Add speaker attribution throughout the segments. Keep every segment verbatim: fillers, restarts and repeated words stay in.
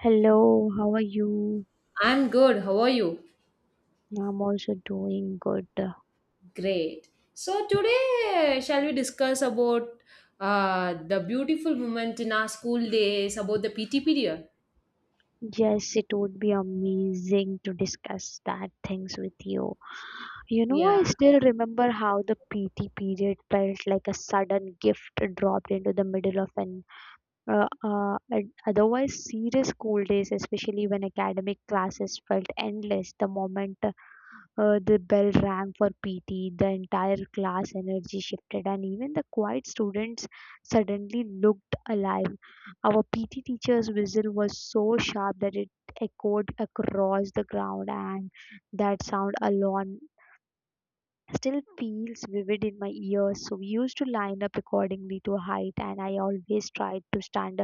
Speaker 1: Hello, how are you?
Speaker 2: I'm good. How are you?
Speaker 1: I'm also doing good.
Speaker 2: Great. So today, shall we discuss about uh, the beautiful moment in our school days, about the P T period?
Speaker 1: Yes, it would be amazing to discuss that things with you. You know,
Speaker 2: Yeah.
Speaker 1: I still remember how the P T period felt like a sudden gift dropped into the middle of an uh, uh, an otherwise serious school days, especially when academic classes felt endless. The moment Uh, the bell rang for P T, the entire class energy shifted, and even the quiet students suddenly looked alive. Our P T teacher's whistle was so sharp that it echoed across the ground, and that sound alone still feels vivid in my ears. So we used to line up accordingly to height, and I always tried to stand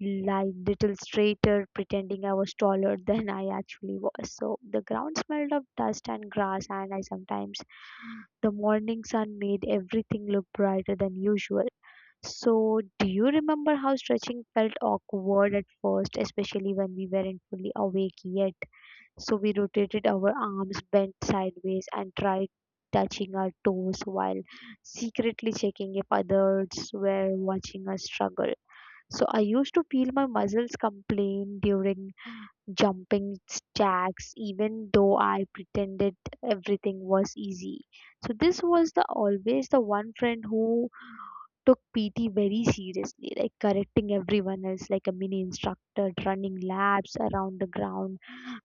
Speaker 1: like little straighter, pretending I was taller than I actually was. So the ground smelled of dust and grass, and I sometimes the morning sun made everything look brighter than usual. So, do you remember how stretching felt awkward at first, especially when we weren't fully awake yet? So, we rotated our arms, bent sideways, and tried touching our toes while secretly checking if others were watching us struggle. So I used to feel my muscles complain during jumping jacks, even though I pretended everything was easy. So this was the always the one friend who took P T very seriously, like correcting everyone else like a mini instructor, running laps around the ground.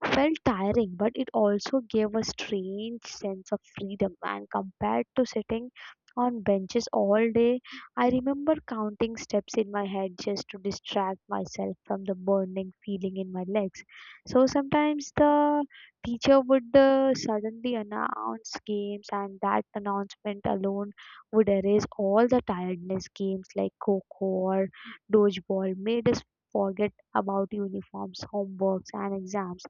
Speaker 1: Felt tiring, but it also gave a strange sense of freedom. And compared to sitting on benches all day, I remember counting steps in my head just to distract myself from the burning feeling in my legs. So sometimes the teacher would uh, suddenly announce games, and that announcement alone would erase all the tiredness. Games like Coco or Dodgeball made us forget about uniforms, homeworks, and exams.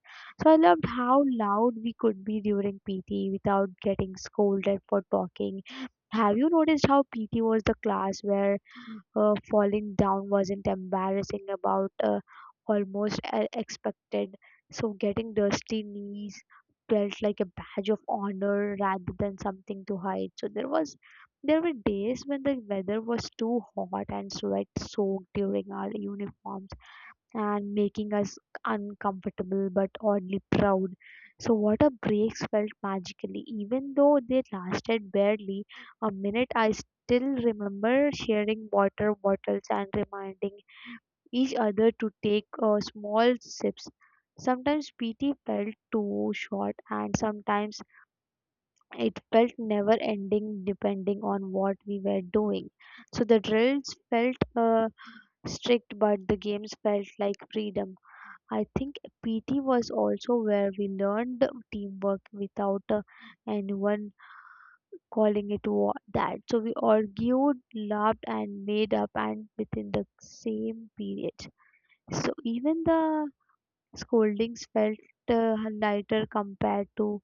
Speaker 1: So I loved how loud we could be during P T without getting scolded for talking. Have you noticed how P T was the class where her falling down wasn't embarrassing about uh, almost uh, expected, so getting dusty knees felt like a badge of honor rather than something to hide. So there was there were days when the weather was too hot and sweat soaked during our uniform and making us uncomfortable but oddly proud. So, water breaks felt magically. Even though they lasted barely a minute, I still remember sharing water bottles and reminding each other to take uh, small sips. Sometimes P T felt too short, and sometimes it felt never ending depending on what we were doing. So the drills felt uh, strict, but the games felt like freedom. I think P T was also where we learned teamwork without uh, anyone calling it wa- that. So we argued, laughed, and made up, and within the same period. So even the scoldings felt uh, lighter compared to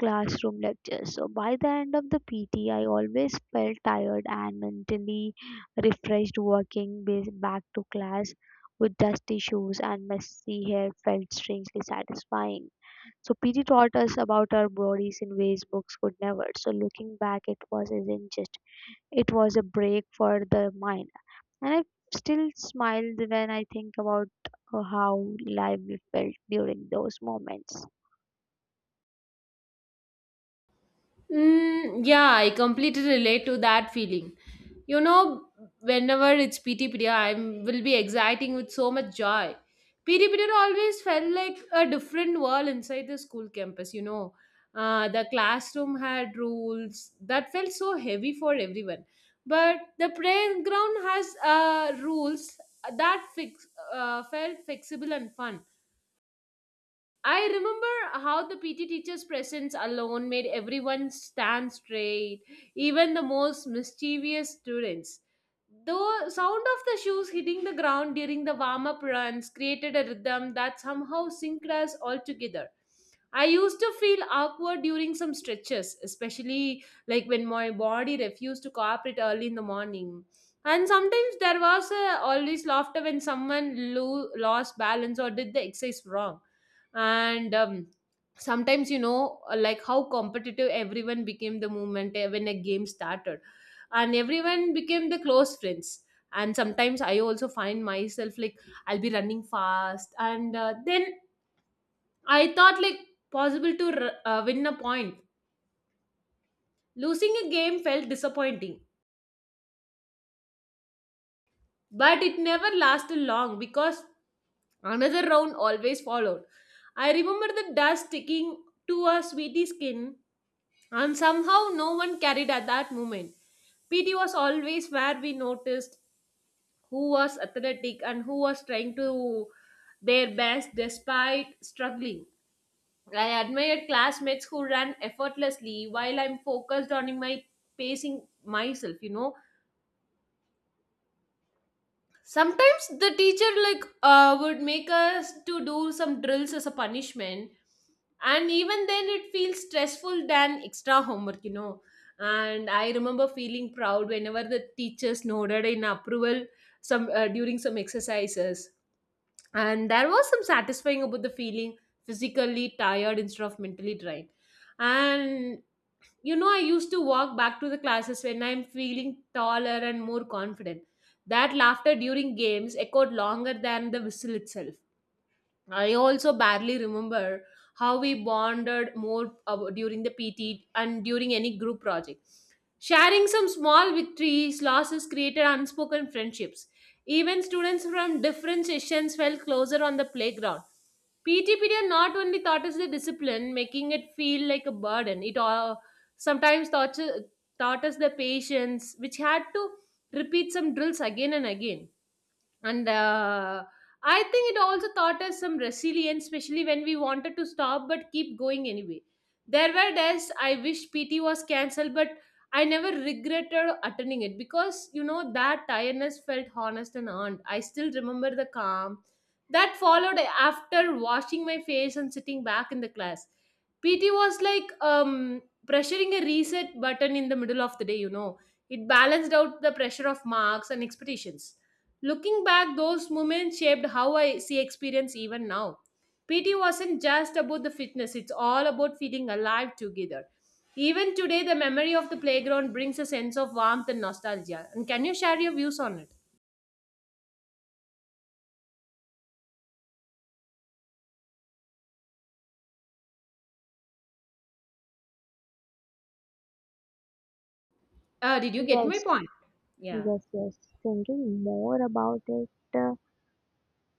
Speaker 1: classroom lectures. So by the end of the P T, I always felt tired and mentally refreshed. Walking bas- back to class with dusty shoes and messy hair felt strangely satisfying. So P T taught us about our bodies in ways books could never. So looking back, it was isn't just it was a break for the mind, and I still smile when I think about uh, how lively felt during those moments.
Speaker 2: Mm, yeah, I completely relate to that feeling. You know, whenever it's P T period, I will be exciting with so much joy. P T period always felt like a different world inside the school campus. You know, uh, the classroom had rules that felt so heavy for everyone, but the playground has uh, rules that fix, uh, felt flexible and fun. I remember how the P T teacher's presence alone made everyone stand straight, even the most mischievous students. The sound of the shoes hitting the ground during the warm up runs created a rhythm that somehow synced us all together. I used to feel awkward during some stretches, especially like when my body refused to cooperate early in the morning. And sometimes there was uh, always laughter when someone lo- lost balance or did the exercise wrong, and um, sometimes you know uh, like how competitive everyone became the moment uh, when a game started, and everyone became the close friends. And sometimes I also find myself like I'll be running fast, and uh, then I thought like possible to r- uh, win a point. Losing a game felt disappointing, but it never lasted long because another round always followed. I remember the dust sticking to a sweetie skin, and somehow no one carried at that moment. P T was always where we noticed who was athletic and who was trying to their best despite struggling. I admired classmates who ran effortlessly while I'm focused on my pacing myself, you know. Sometimes the teacher like uh, would make us to do some drills as a punishment, and even then it feels stressful than extra homework, you know. And I remember feeling proud whenever the teachers nodded in approval, some uh, during some exercises, and there was some satisfying about the feeling physically tired instead of mentally drained. And you know, I used to walk back to the classes when I'm feeling taller and more confident. That laughter during games echoed longer than the whistle itself. I also barely remember how we bonded more ab- during the P T and during any group project. Sharing some small victories, losses created unspoken friendships. Even students from different sessions felt closer on the playground. P T period not only taught us the discipline, making it feel like a burden, it all, sometimes taught, taught us the patience, which had to repeat some drills again and again. And uh, I think it also taught us some resilience, especially when we wanted to stop but keep going anyway. There were days I wish PT was cancelled, but I never regretted attending it because you know that tiredness felt honest and earned. I still remember the calm that followed after washing my face and sitting back in the class. PT was like um pressuring a reset button in the middle of the day, you know. It balanced out the pressure of marks and expectations. Looking back, those moments shaped how I see experience even now. PT wasn't just about the fitness, it's all about feeling alive together. Even today, the memory of the playground brings a sense of warmth and nostalgia. And can you share your views on it? Uh, did you get my
Speaker 1: Yes,
Speaker 2: point? Yeah.
Speaker 1: Yes, yes. Thinking more about it, uh,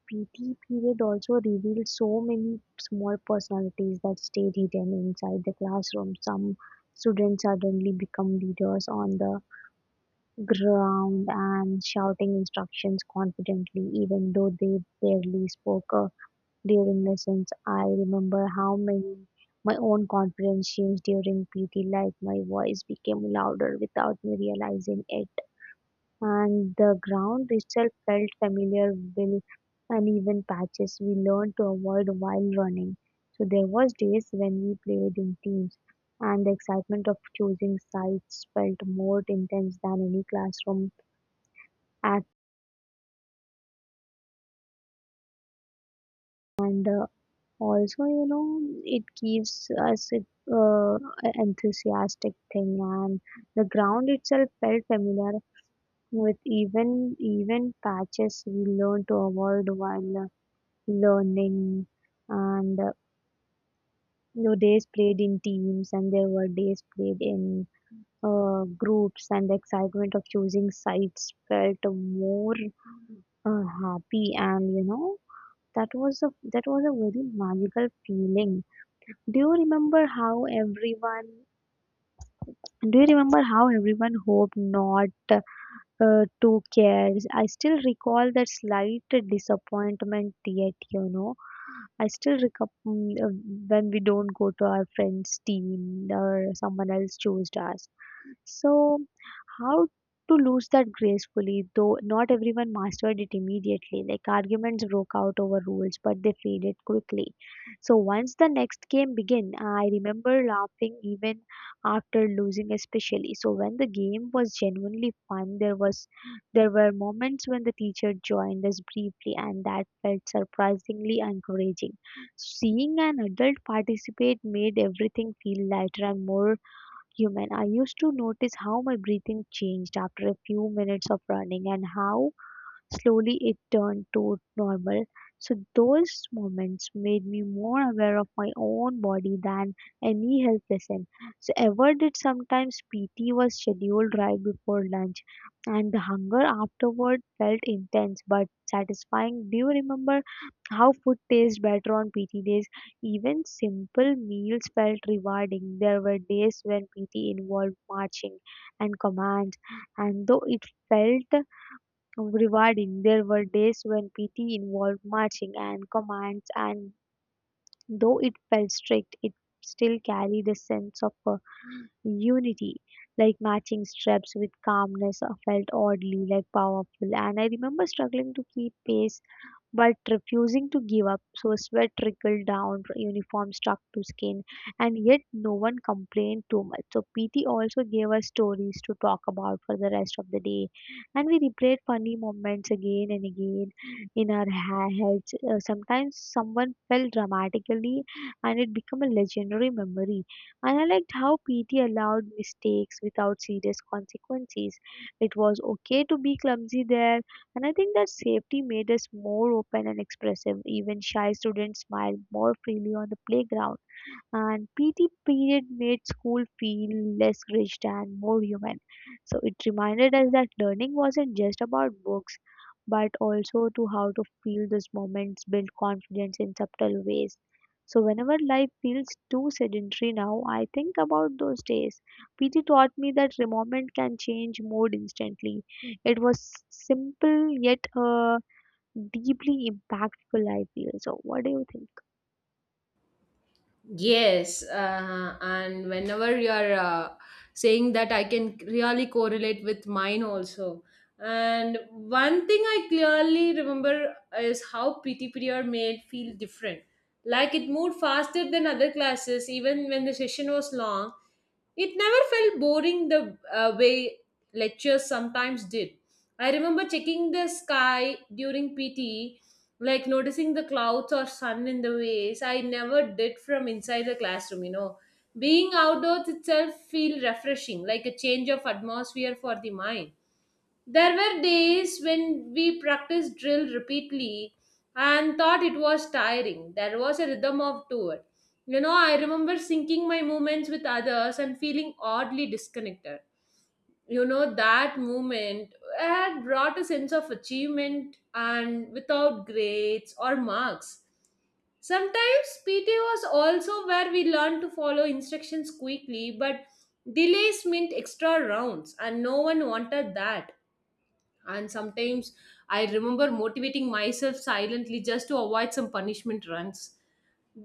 Speaker 1: P T period also revealed so many small personalities that stayed hidden inside the classroom. Some students suddenly become leaders on the ground and shouting instructions confidently, even though they barely spoke uh, during lessons. I remember how many my own confidence changed during P T, like my voice became louder without me realizing it, and the ground itself felt familiar with uneven patches we learned to avoid while running. So there was days when we played in teams, and the excitement of choosing sites felt more intense than any classroom act. And uh, Also, you know, it gives us a uh, a enthusiastic thing. And the ground itself felt familiar with even even patches we learned to avoid while learning. And uh, You know, days played in teams, and there were days played in uh, groups, and the excitement of choosing sites felt more uh, happy. And you know, that was a that was a very magical feeling. do you remember how everyone do you remember how everyone hoped not uh, two cares. I still recall that slight disappointment, yet, you know. I still recall mm, uh, when we don't go to our friend's team or someone else chose us. So how to lose that gracefully, though not everyone mastered it immediately. Like arguments broke out over rules, but they faded quickly. So once the next game began, I remember laughing even after losing, especially. So when the game was genuinely fun, there was there were moments when the teacher joined us briefly, and that felt surprisingly encouraging. Seeing an adult participate made everything feel lighter and more human. I used to notice how my breathing changed after a few minutes of running and how slowly it turned to normal, so those moments made me more aware of my own body than any health lesson. So ever did sometimes P T was scheduled right before lunch and the hunger afterward felt intense but satisfying. Do you remember how food tastes better on P T days? Even simple meals felt rewarding. There were days when P T involved marching and commands and though it felt rewarding. There were days when P T involved marching and commands, and though it felt strict, it still carried a sense of uh, unity. Like matching steps with calmness uh, felt oddly like powerful, and I remember struggling to keep pace but refusing to give up, so sweat trickled down uniform stuck to skin, and yet no one complained too much. So P T also gave us stories to talk about for the rest of the day, and we replayed funny moments again and again in our ha- heads. Uh, sometimes someone fell dramatically, and it became a legendary memory. And I liked how P T allowed mistakes without serious consequences. It was okay to be clumsy there, and I think that safety made us more open and expressive. Even shy students smiled more freely on the playground, and P T period made school feel less rigid and more human. So it reminded us that learning wasn't just about books, but also to how to feel those moments, build confidence in subtle ways. So whenever life feels too sedentary now, I think about those days. P T taught me that the moment can change mood instantly. It was simple yet uh, deeply impactful. I feel so. What do you think?
Speaker 2: Yes, uh, and whenever you're uh, saying that, I can really correlate with mine also. And one thing I clearly remember is how P T period made feel different. Like it moved faster than other classes, even when the session was long. It never felt boring the uh, way lectures sometimes did. I remember checking the sky during P T, like noticing the clouds or sun in the ways I never did from inside the classroom, you know. Being outdoors itself feel refreshing, like a change of atmosphere for the mind. There were days when we practiced drill repeatedly and thought it was tiring. There was a rhythm of to it. You know, I remember syncing my movements with others and feeling oddly disconnected. You know, that moment had brought a sense of achievement and without grades or marks. Sometimes P T was also where we learned to follow instructions quickly, but delays meant extra rounds, and no one wanted that. And sometimes I remember motivating myself silently just to avoid some punishment runs.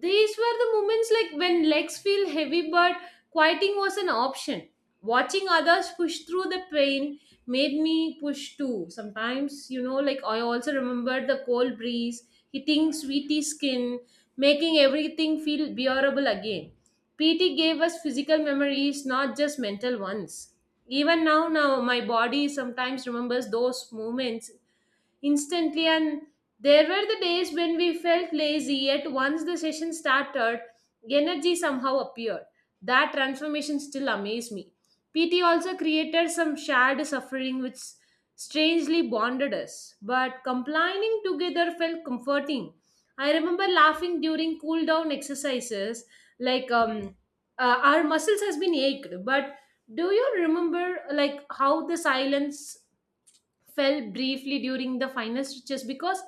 Speaker 2: These were the moments like when legs feel heavy, but quieting was an option. Watching others push through the pain made me push too. Sometimes, you know, like I also remembered the cold breeze hitting sweetie skin, making everything feel bearable again. P T gave us physical memories, not just mental ones. Even now, now my body sometimes remembers those moments instantly. And there were the days when we felt lazy, yet once the session started, energy somehow appeared. That transformation still amazed me. PT also created some shared suffering which strangely bonded us, but complaining together felt comforting. I remember laughing during cool down exercises, like um uh, our muscles has been ached. But do you remember like how the silence fell briefly during the final stretches, because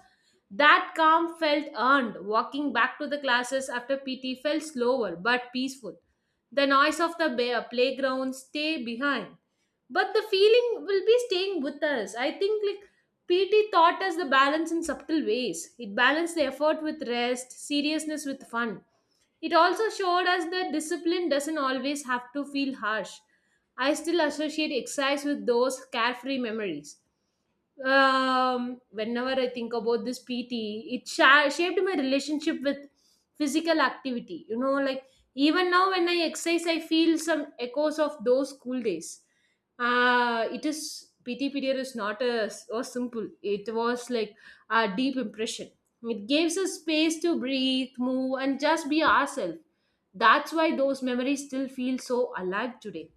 Speaker 2: that calm felt earned. Walking back to the classes after P T felt slower but peaceful. The noise of the ba- playground stay behind, but the feeling will be staying with us. I think like P T taught us the balance in subtle ways. It balanced the effort with rest, seriousness with fun. It also showed us that discipline doesn't always have to feel harsh. I still associate exercise with those carefree memories. Um, whenever I think about this P T, it sha- shaped my relationship with physical activity. You know, like even now when I exercise, I feel some echoes of those school days. Uh, it is P T period is not a so simple. It was like a deep impression. It gives us space to breathe, move, and just be ourselves. That's why those memories still feel so alive today.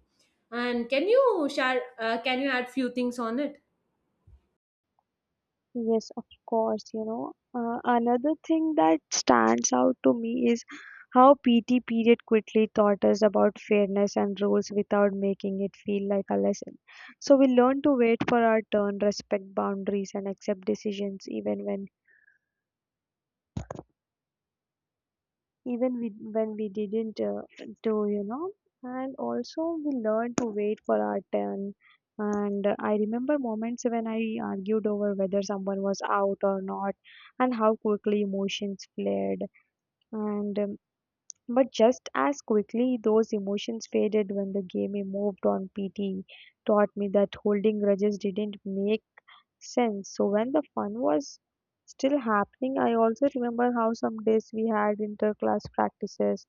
Speaker 2: And can you share? Uh, can you add few things on it?
Speaker 1: Yes, of course, you know. Uh, another thing that stands out to me is how P T period quickly taught us about fairness and rules without making it feel like a lesson. So we learn to wait for our turn, respect boundaries, and accept decisions even when even we, when we didn't uh, do, you know. And also, we learned to wait for our turn. And uh, I remember moments when I argued over whether someone was out or not, and how quickly emotions flared. And um, But just as quickly, those emotions faded when the game moved on. P T taught me that holding grudges didn't make sense. So when the fun was still happening, I also remember how some days we had inter-class practices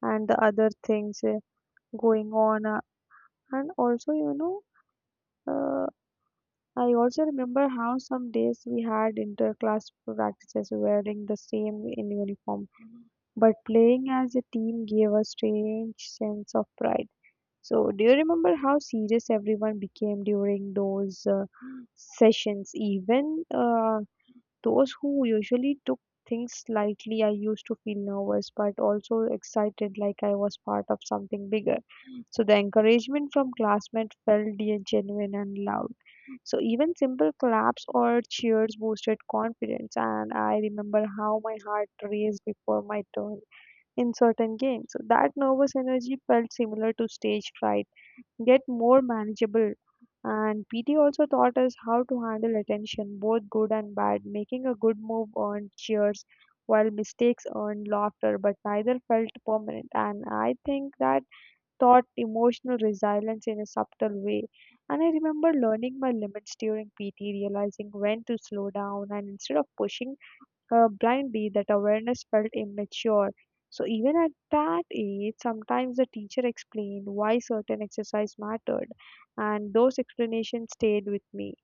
Speaker 1: and the other things uh, going on. Uh, And also, you know, uh, I also remember how some days we had inter-class practices wearing the same in uniform, but playing as a team gave a strange sense of pride. So, do you remember how serious everyone became during those uh, sessions? Even uh, those who usually took things lightly, I used to feel nervous but also excited like I was part of something bigger. So the encouragement from classmates felt de- genuine and loud. So even simple claps or cheers boosted confidence, and I remember how my heart raced before my turn in certain games. So that nervous energy felt similar to stage fright get more manageable. And P T also taught us how to handle attention, both good and bad. Making a good move earned cheers, while mistakes earned laughter, but neither felt permanent. And I think that taught emotional resilience in a subtle way. And I remember learning my limits during P T, realizing when to slow down, and instead of pushing uh, blindly, that awareness felt immature. So even at that age, sometimes the teacher explained why certain exercise mattered, and those explanations stayed with me.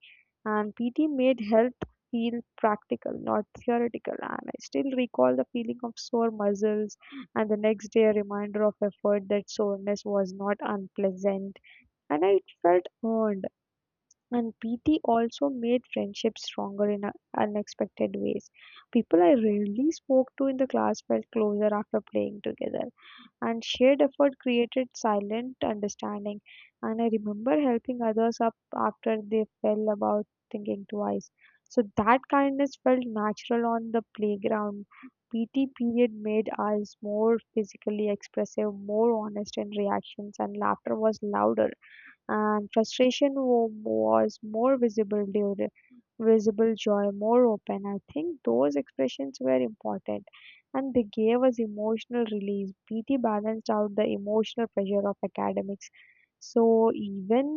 Speaker 1: And P T made health feel practical, not theoretical. And I still recall the feeling of sore muscles, and the next day a reminder of effort that soreness was not unpleasant, and I felt earned. And P T also made friendships stronger in a- unexpected ways. People I rarely spoke to in the class felt closer after playing together, and shared effort created silent understanding. And I remember helping others up after they fell about thinking twice. So that kindness felt natural on the playground. P T period made us more physically expressive, more honest in reactions, and laughter was louder and frustration wa- was more visible during visible joy more open. I think those expressions were important and they gave us emotional release. PT balanced out the emotional pressure of academics, so even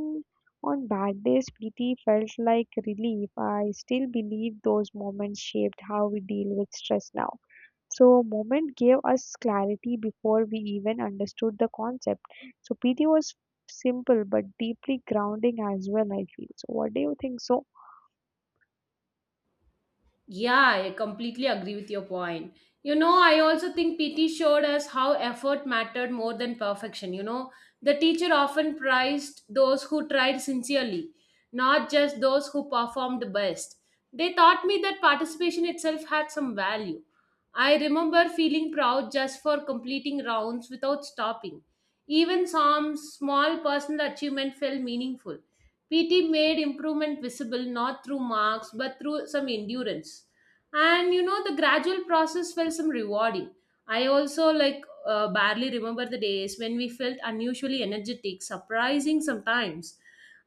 Speaker 1: on bad days PT felt like relief. I still believe those moments shaped how we deal with stress now. So moment gave us clarity before we even understood the concept. So P T was simple but deeply grounding as well, I feel. So what do you think? So
Speaker 2: Yeah, I completely agree with your point. You know, I also think P T showed us how effort mattered more than perfection. You know, the teacher often prized those who tried sincerely, not just those who performed best. They taught me that participation itself had some value. I remember feeling proud just for completing rounds without stopping. Even some small personal achievement felt meaningful. P T made improvement visible not through marks but through some endurance. And you know, the gradual process felt some rewarding. I also like uh, barely remember the days when we felt unusually energetic, surprising sometimes.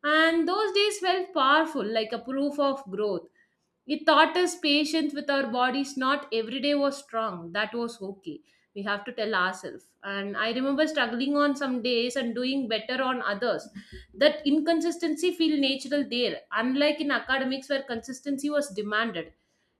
Speaker 2: And those days felt powerful, like a proof of growth. It taught us patience with our bodies. Not every day was strong, that was okay, we have to tell ourselves. And I remember struggling on some days and doing better on others. That inconsistency feel natural there, unlike in academics where consistency was demanded.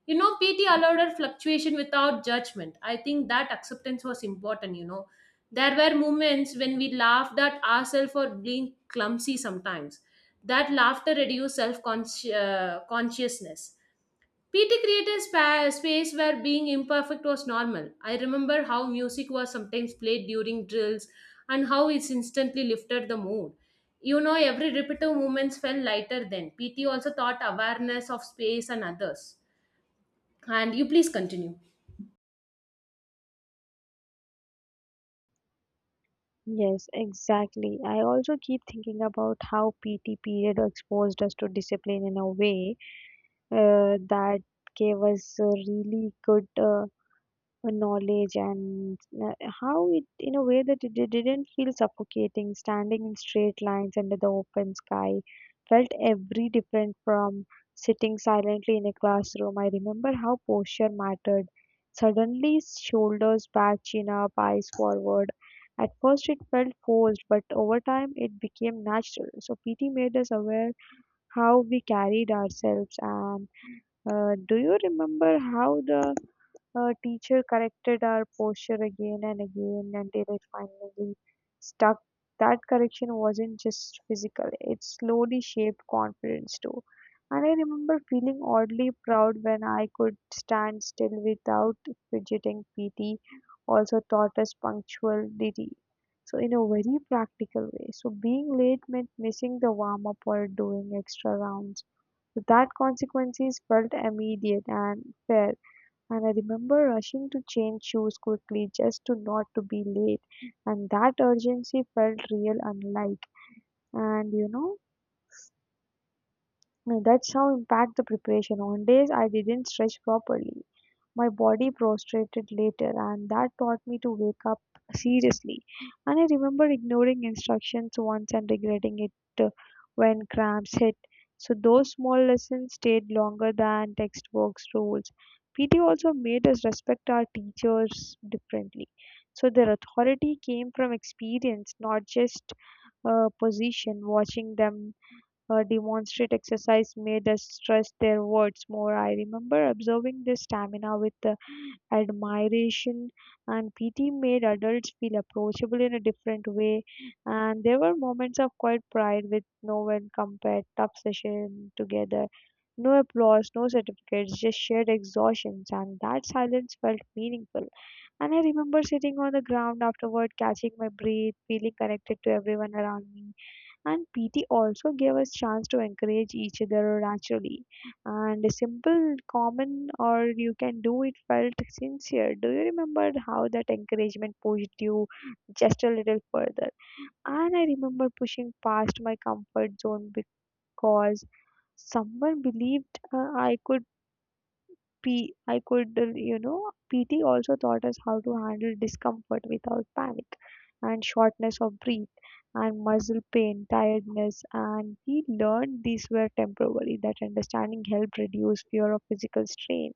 Speaker 2: You know, PT allowed her fluctuation without judgment. I think that acceptance was important, you know. There were moments when we laughed at ourselves for being clumsy sometimes. That laughter reduced self-consciousness. P T created spa- space where being imperfect was normal. I remember how music was sometimes played during drills and how it instantly lifted the mood. You know, every repetitive movements felt lighter then. P T also taught awareness of space and others. And you please continue.
Speaker 1: yes, exactly. I also keep thinking about how P T period exposed us to discipline in a way uh, that gave us a really good uh, uh, knowledge and uh, how it, in a way, that it it didn't feel suffocating. Standing in straight lines under the open sky felt every different from sitting silently in a classroom. I remember how posture mattered suddenly, shoulders back, chin up, eyes forward. At first it felt forced, but over time it became natural. So PT made us aware how we carried ourselves, and uh, do you remember how the her teacher corrected our posture again and again until it finally stuck? That correction wasn't just physical, it slowly shaped confidence too. And I remember feeling oddly proud when I could stand still without fidgeting. P T also taught us punctuality, so in a very practical way. So being late meant missing the warm up or doing extra rounds. So that consequences felt immediate and fair, and I remember rushing to change shoes quickly just to not to be late, and that urgency felt real, unlike, and you know, that's how impact the preparation on days I didn't stretch properly. My body prostrated later, and that taught me to wake up seriously. And I remember ignoring instructions once and regretting it uh, when cramps hit. So those small lessons stayed longer than textbooks rules. P T also made us respect our teachers differently. So their authority came from experience, not just uh, position. Watching them uh, demonstrate exercise made us trust their words more. I remember observing their stamina with uh, admiration, and P T made adults feel approachable in a different way. And there were moments of quiet pride with no one compared, tough session together, no applause, no certificates, just shared exhaustions, and that silence felt meaningful. And I remember sitting on the ground afterward, catching my breath, feeling connected to everyone around me. And PT also gave us chance to encourage each other naturally, and a simple common or you can do it felt sincere. Do you remember how that encouragement pushed you just a little further? And I remember pushing past my comfort zone because someone believed uh, I could P I could, uh, you know, P T also taught us how to handle discomfort without panic, and shortness of breath, and muscle pain, tiredness. And we learned these were temporary. That understanding helped reduce fear of physical strain.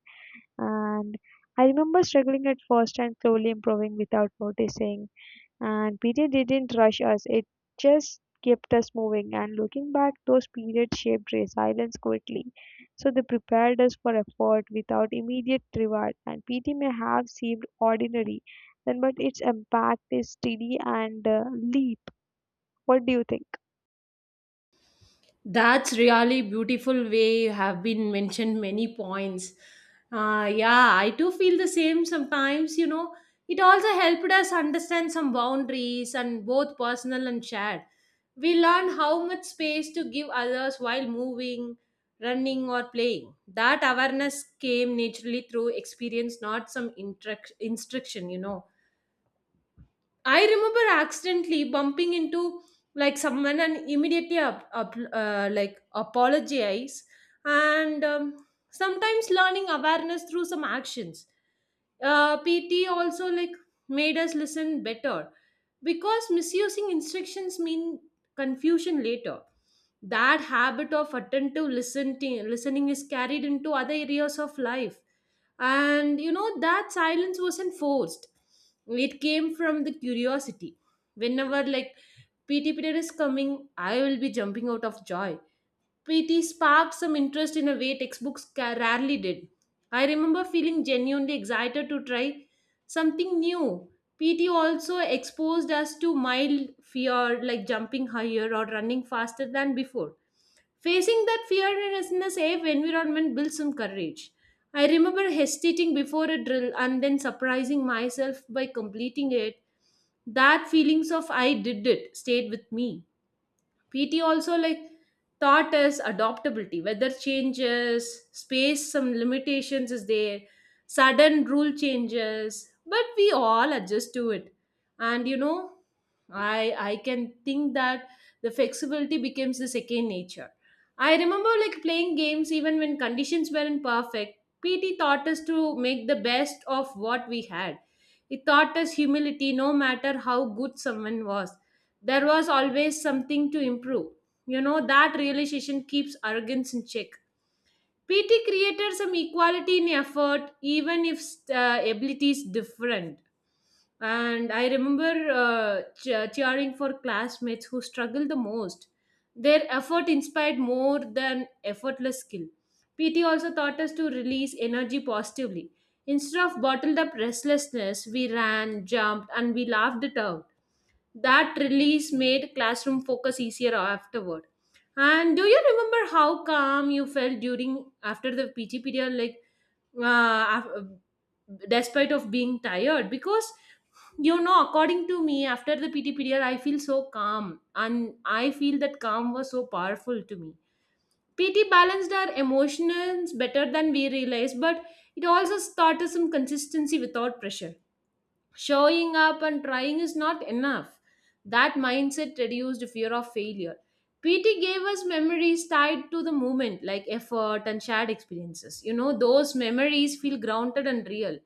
Speaker 1: And I remember struggling at first and slowly improving without noticing. And period didn't rush us, it just kept us moving. And looking back, those periods shaped resilience quickly. So they prepared us for effort without immediate reward. And P T may have seemed ordinary then, but its impact is steady and uh, leap. What do you think?
Speaker 2: That's really beautiful way you have been mentioned many points. Uh, yeah, I too feel the same sometimes, you know. It also helped us understand some boundaries and both personal and shared. We learn how much space to give others while moving, running or playing. That awareness came naturally through experience, not some instruc- instruction, you know. I remember accidentally bumping into like someone and immediately up, up uh, like apologize, and um, sometimes learning awareness through some actions. Uh, P T also like made us listen better because misusing instructions mean confusion later. That habit of attentive listening listening is carried into other areas of life. And you know, that silence wasn't forced. It came from the curiosity. Whenever like P T period is coming, I will be jumping out of joy. P T sparked some interest in a way textbooks ca- rarely did. I remember feeling genuinely excited to try something new. P T also exposed us to mild fear like jumping higher or running faster than before. Facing that fear in a safe environment builds some courage. I remember hesitating before a drill and then surprising myself by completing it. That feelings of I did it stayed with me. P T also like taught us adaptability, weather changes, space, some limitations is there, sudden rule changes, but we all adjust to it. And you know, I I can think that the flexibility becomes the second nature. I remember like playing games even when conditions weren't perfect. P T taught us to make the best of what we had. It taught us humility. No matter how good someone was, there was always something to improve. You know, that realization keeps arrogance in check. P T created some equality in effort, even if uh, abilities different. And I remember uh, ch- cheering for classmates who struggled the most. Their effort inspired more than effortless skill. P T also taught us to release energy positively. Instead of bottled up restlessness, we ran, jumped, and we laughed it out. That release made classroom focus easier afterward. And do you remember how calm you felt during after the P T period, like uh, af- despite of being tired? Because you know, according to me, after the P T period, I feel so calm, and I feel that calm was so powerful to me. P T balanced our emotions better than we realized, but it also taught us some consistency without pressure. Showing up and trying is not enough. That mindset reduced fear of failure. P T gave us memories tied to the moment, like effort and shared experiences. You know, those memories feel grounded and real.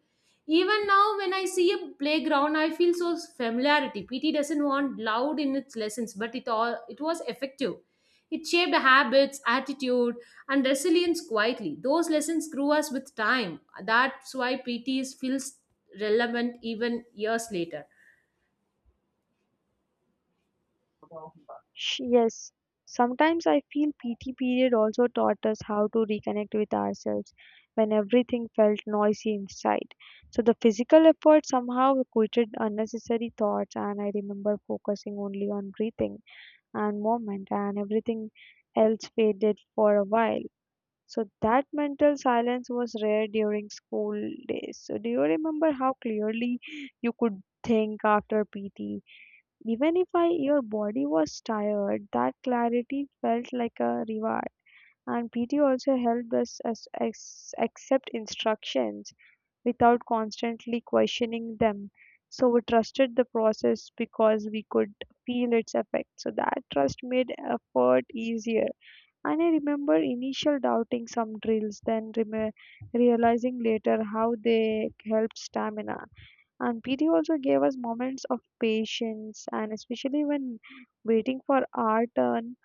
Speaker 2: Even now, when I see a playground, I feel so familiarity. P T doesn't want loud in its lessons, but it all it was effective. It shaped habits, attitude, and resilience quietly. Those lessons grew us with time. That's why P T is- feels relevant even years later.
Speaker 1: Sh- Yes, sometimes I feel P T period also taught us how to reconnect with ourselves when everything felt noisy inside. So the physical effort somehow quieted unnecessary thoughts, and I remember focusing only on breathing and movement, and everything else faded for a while. So that mental silence was rare during school days. So do you remember how clearly you could think after P T? Even if I, your body was tired, that clarity felt like a reward. And P T also helped us as- as- accept instructions without constantly questioning them. So we trusted the process because we could feel its effect. So that trust made effort easier. And I remember initial doubting some drills, then reme realizing later how they helped stamina. And P D also gave us moments of patience, and especially when waiting for our turn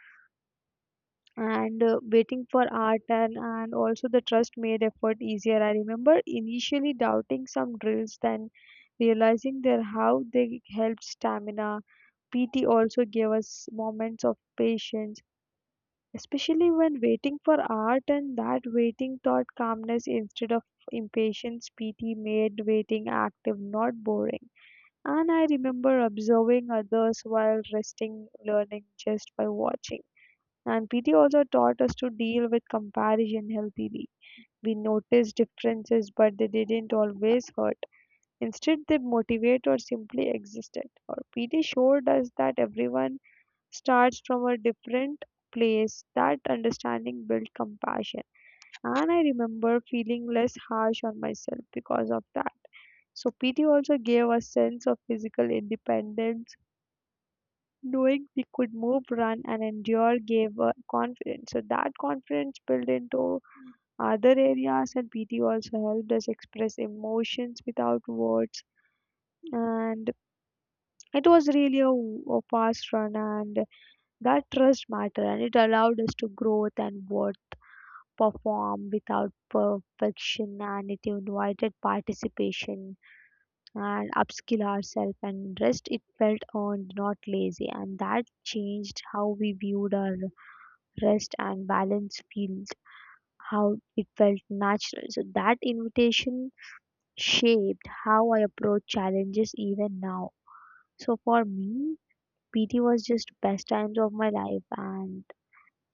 Speaker 1: and uh, waiting for our turn, and also the trust made effort easier. I remember initially doubting some drills, then realizing their how they helped stamina. P T also gave us moments of patience, especially when waiting for art, and that waiting taught calmness instead of impatience. P T made waiting active, not boring, and I remember observing others while resting, learning just by watching. And P T also taught us to deal with comparison healthily. We noticed differences, but they didn't always hurt. Instead, they motivate or simply existed. Or P T showed us that everyone starts from a different place. That understanding built compassion. And I remember feeling less harsh on myself because of that. So P T also gave a sense of physical independence, knowing we could move, run, and endure gave uh, confidence. So that confidence built into other areas, and P T also helped us express emotions without words. And it was really a, a fast run, and that trust mattered, and it allowed us to growth and work, perform without perfection, and it invited participation and upskill ourselves. And rest it felt earned, not lazy, and that changed how we viewed our rest and balance field, how it felt natural. So that invitation shaped how I approach challenges even now. So for me, PT was just best times of my life. And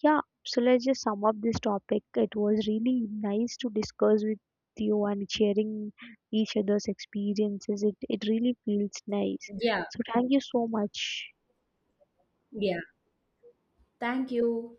Speaker 1: yeah, so let's just sum up this topic. It was really nice to discuss with you and sharing each other's experiences. It it really feels nice.
Speaker 2: Yeah,
Speaker 1: So thank you so much.
Speaker 2: yeah. Thank you.